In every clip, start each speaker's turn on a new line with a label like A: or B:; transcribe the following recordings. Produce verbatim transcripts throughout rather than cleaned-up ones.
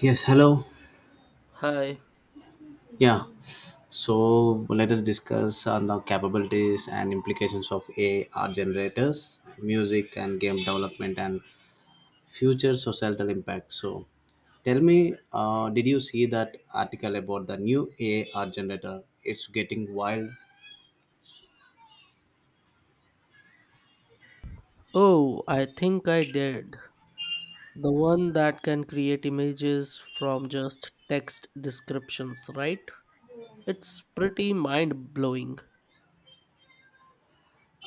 A: Yes, hello.
B: Hi.
A: Yeah. So let us discuss on the capabilities and implications of A I art generators, music and game development and future societal impact. So tell me, uh, did you see that article about the new A I art generator? It's getting wild.
B: Oh, I think I did. The one that can create images from just text descriptions, right? It's pretty mind blowing.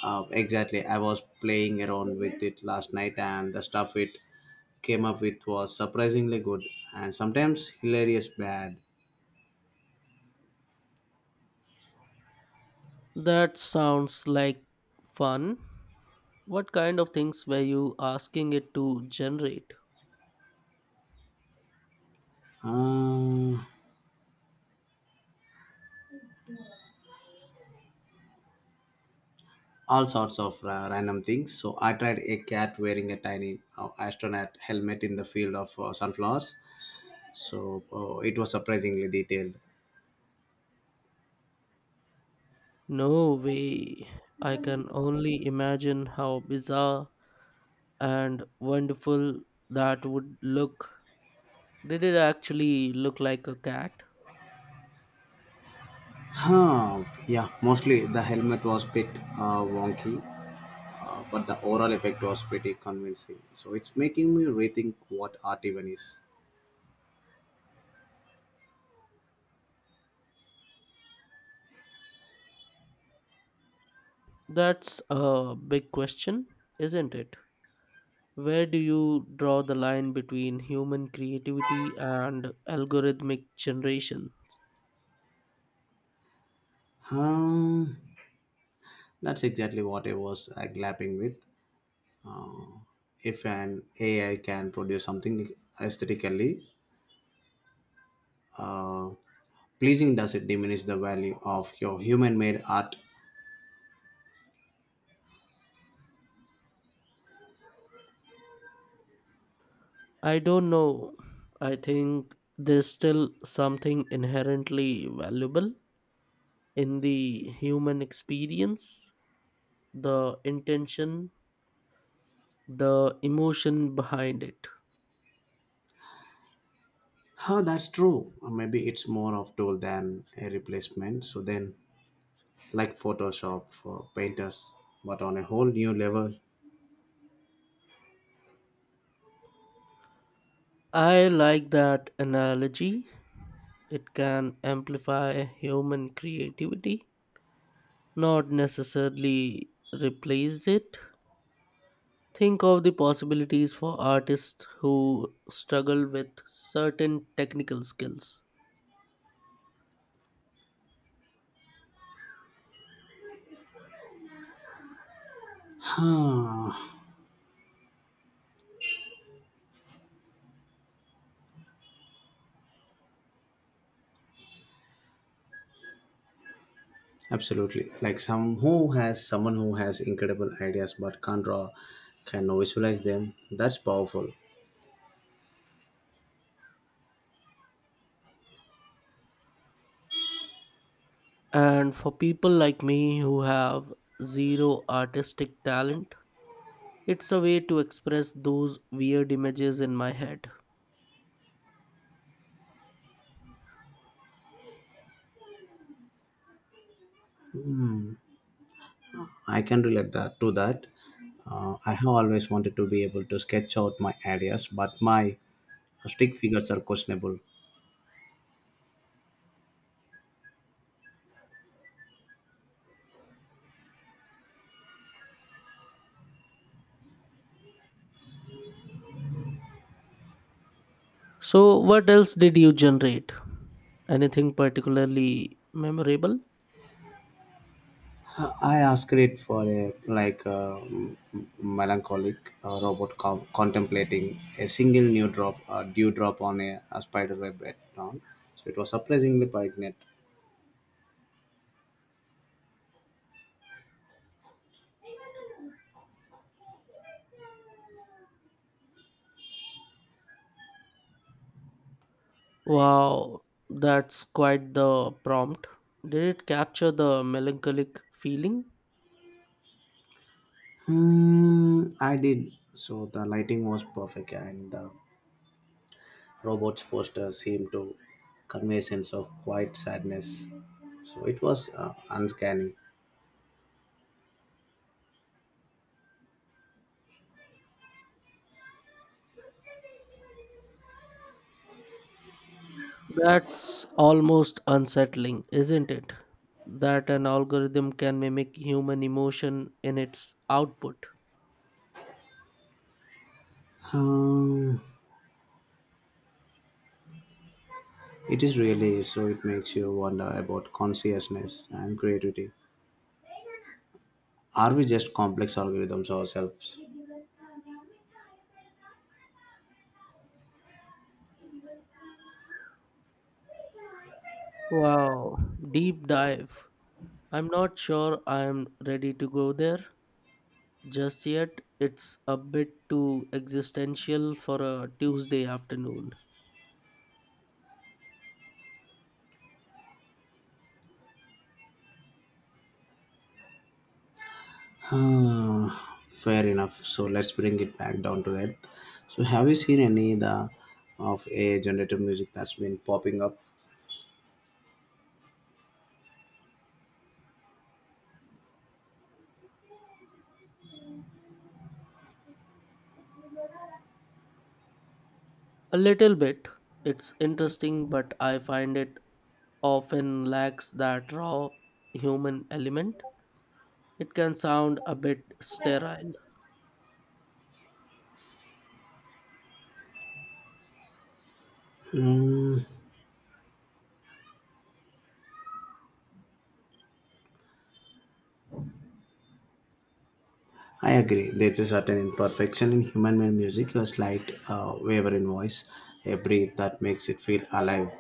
A: Uh, exactly. I was playing around with it last night and the stuff it came up with was surprisingly good and sometimes hilarious bad.
B: That sounds like fun. What kind of things were you asking it to generate?
A: Uh, all sorts of ra- random things. So I tried a cat wearing a tiny uh, astronaut helmet in the field of uh, sunflowers. So uh, it was surprisingly detailed.
B: No way. I can only imagine how bizarre and wonderful that would look. Did it actually look like a cat?
A: Huh, yeah, mostly the helmet was a bit uh, wonky, uh, but the overall effect was pretty convincing. So it's making me rethink what art even is.
B: That's a big question, isn't it? Where do you draw the line between human creativity and algorithmic generation?
A: Um, that's exactly what I was uh, glapping with. Uh, if an A I can produce something aesthetically, uh, pleasing doesn't diminish the value of your human made art.
B: I don't know. I think there's still something inherently valuable in the human experience, the intention, the emotion behind it.
A: Huh, that's true. Or maybe it's more of tool than a replacement, so then like photoshop for painters, but on a whole new level.
B: I like that analogy. It can amplify human creativity, not necessarily replace it. Think of the possibilities for artists who struggle with certain technical skills.
A: Huh, absolutely. Like some who has someone who has incredible ideas but can't draw can visualize them. That's powerful.
B: And for people like me who have zero artistic talent, it's a way to express those weird images in my head.
A: I can relate that to that. uh, I have always wanted to be able to sketch out my ideas, but my stick figures are questionable.
B: So, what else did you generate? Anything particularly memorable?
A: I asked it for a like a melancholic uh, robot com- contemplating a single new drop, uh, dewdrop on a, a spider web bed down. So it was surprisingly poignant.
B: Wow, that's quite the prompt. Did it capture the melancholic feeling?
A: Hmm, I did. So the lighting was perfect, and the robot's poster seemed to convey a sense of quiet sadness. So it was uh, uncanny.
B: That's almost unsettling, isn't it? That an algorithm can mimic human emotion in its output.
A: Um, it is really so. It makes you wonder about consciousness and creativity. Are we just complex algorithms ourselves?
B: Wow, deep dive. I'm not sure I'm ready to go there just yet. It's a bit too existential for a Tuesday afternoon.
A: Hmm, fair enough. So let's bring it back down to earth. So have you seen any the of a generative music that's been popping up?
B: A little bit. It's interesting, but I find it often lacks that raw human element. It can sound a bit sterile.
A: Hmm, I agree. There's a certain imperfection in human-made music, a slight uh, waver in voice, a breath that makes it feel alive.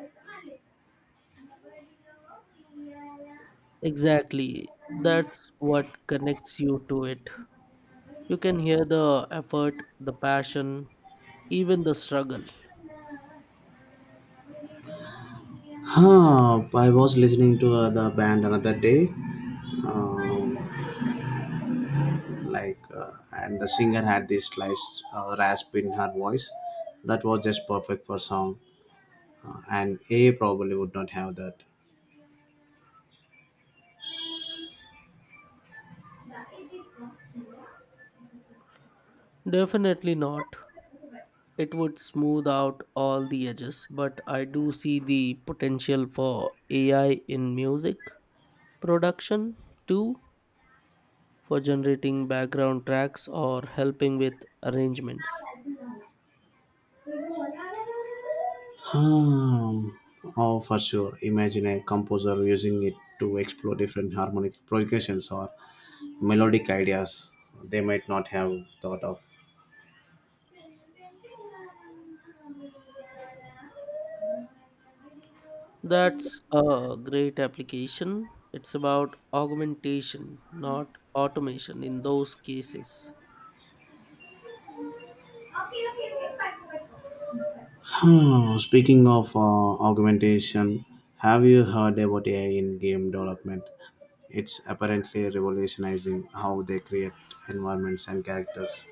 B: Exactly. That's what connects you to it. You can hear the effort, the passion, even the struggle.
A: Huh, I was listening to uh, the band another day. Um, like uh, and the singer had this slight uh, rasp in her voice that was just perfect for song, uh, and a probably would not have that.
B: Definitely not. It would smooth out all the edges, but I do see the potential for A I in music production too, for generating background tracks or helping with arrangements.
A: um, oh, for sure, imagine a composer using it to explore different harmonic progressions or melodic ideas they might not have thought of.
B: That's a great application. It's about augmentation, not automation in those cases.
A: Hmm, speaking of uh, augmentation, have you heard about A I in game development? It's apparently revolutionizing how they create environments and characters.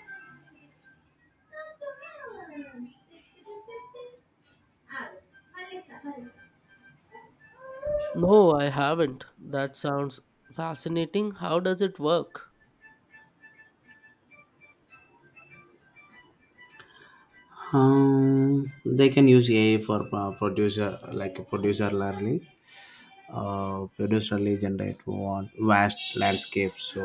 B: No, I haven't. That sounds fascinating. How does it work?
A: Um, they can use A I for uh, producer like producer learning. Uh, producerly generate want vast landscapes, so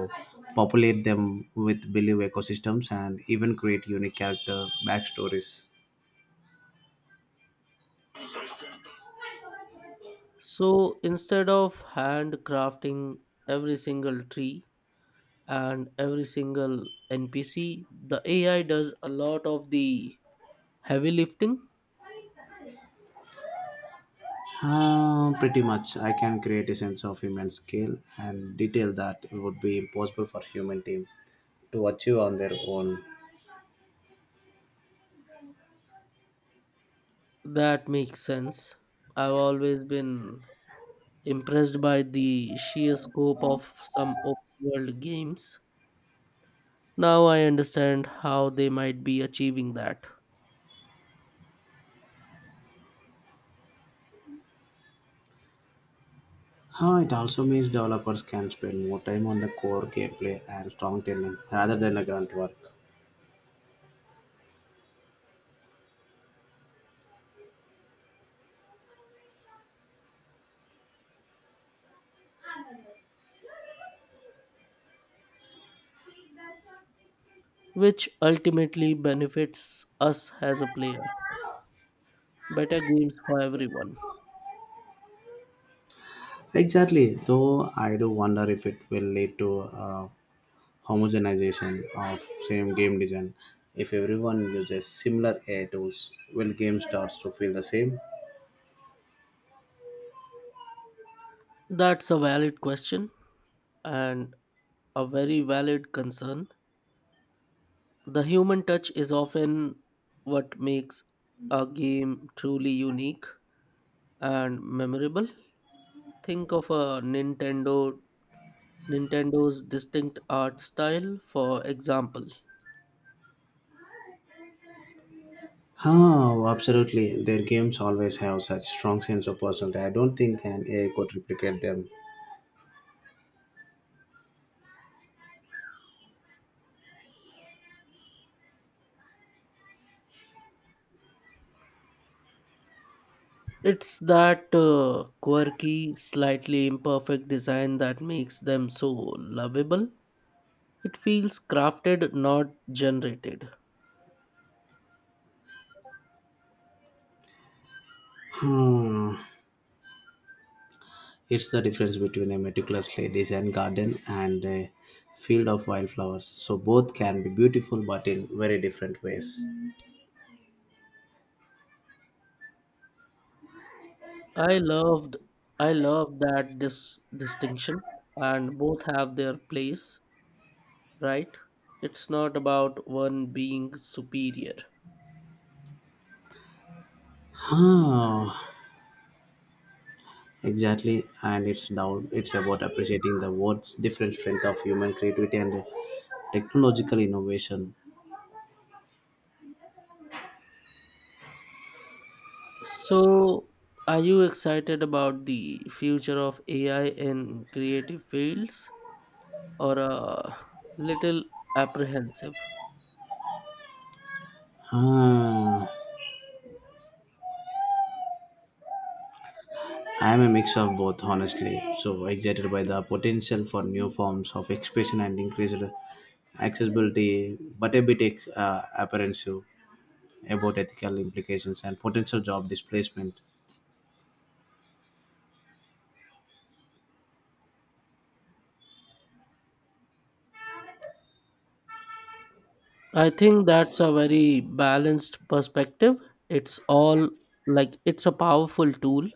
A: populate them with believe ecosystems and even create unique character backstories.
B: So instead of handcrafting every single tree and every single N P C, the A I does a lot of the heavy lifting.
A: Uh, pretty much. I can create a sense of human scale and detail that would be impossible for human team to achieve on their own.
B: That makes sense. I've always been impressed by the sheer scope of some open world games. Now I understand how they might be achieving that,
A: Uh, it also means developers can spend more time on the core gameplay and storytelling rather than the grunt work.
B: which ultimately benefits us as a player. Better games for everyone.
A: Exactly. Though I do wonder if it will lead to uh, homogenization of same game design. If everyone uses similar A I tools, will game starts to feel the same?
B: That's a valid question and a very valid concern. The human touch is often what makes a game truly unique and memorable. Think of a Nintendo Nintendo's distinct art style, for example.
A: Huh, oh, absolutely. Their games always have such strong sense of personality. I don't think an A I could replicate them.
B: It's that uh, quirky, slightly imperfect design that makes them so lovable. It feels crafted, not generated.
A: Hmm. It's the difference between a meticulously designed garden and a field of wildflowers. So both can be beautiful, but in very different ways.
B: I loved I love that this distinction and both have their place, right? It's not about one being superior.
A: Huh. Exactly. And it's down it's about appreciating the world's different strength of human creativity and technological innovation.
B: So, are you excited about the future of A I in creative fields or a little apprehensive?
A: Huh. I'm a mix of both, honestly. So excited by the potential for new forms of expression and increased accessibility, but a bit uh, apprehensive about ethical implications and potential job displacement.
B: I think that's a very balanced perspective. It's all like it's a powerful tool,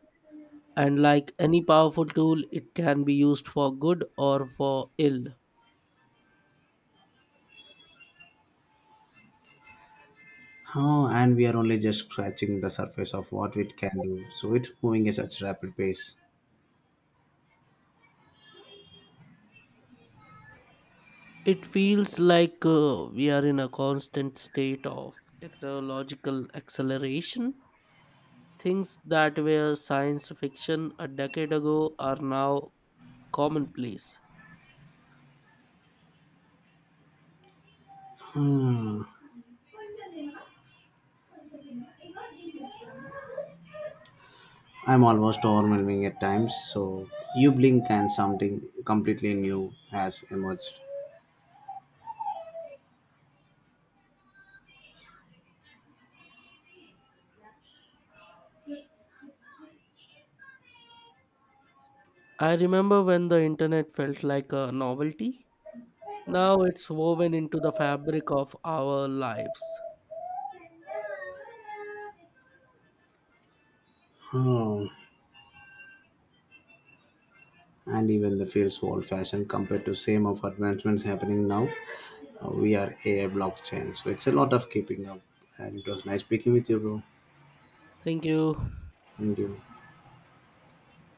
B: and like any powerful tool, it can be used for good or for ill.
A: Oh, and we are only just scratching the surface of what it can do. So it's moving at such rapid pace.
B: It feels like uh, we are in a constant state of technological acceleration. Things that were science fiction a decade ago are now commonplace.
A: Hmm. I'm almost overwhelming at times. So you blink and something completely new has emerged.
B: I remember when the internet felt like a novelty. Now it's woven into the fabric of our lives.
A: Hmm. And even the feels old fashioned compared to same of advancements happening now. Uh, we are A I, blockchain, so it's a lot of keeping up. And it was nice speaking with you, bro.
B: Thank you.
A: Thank you.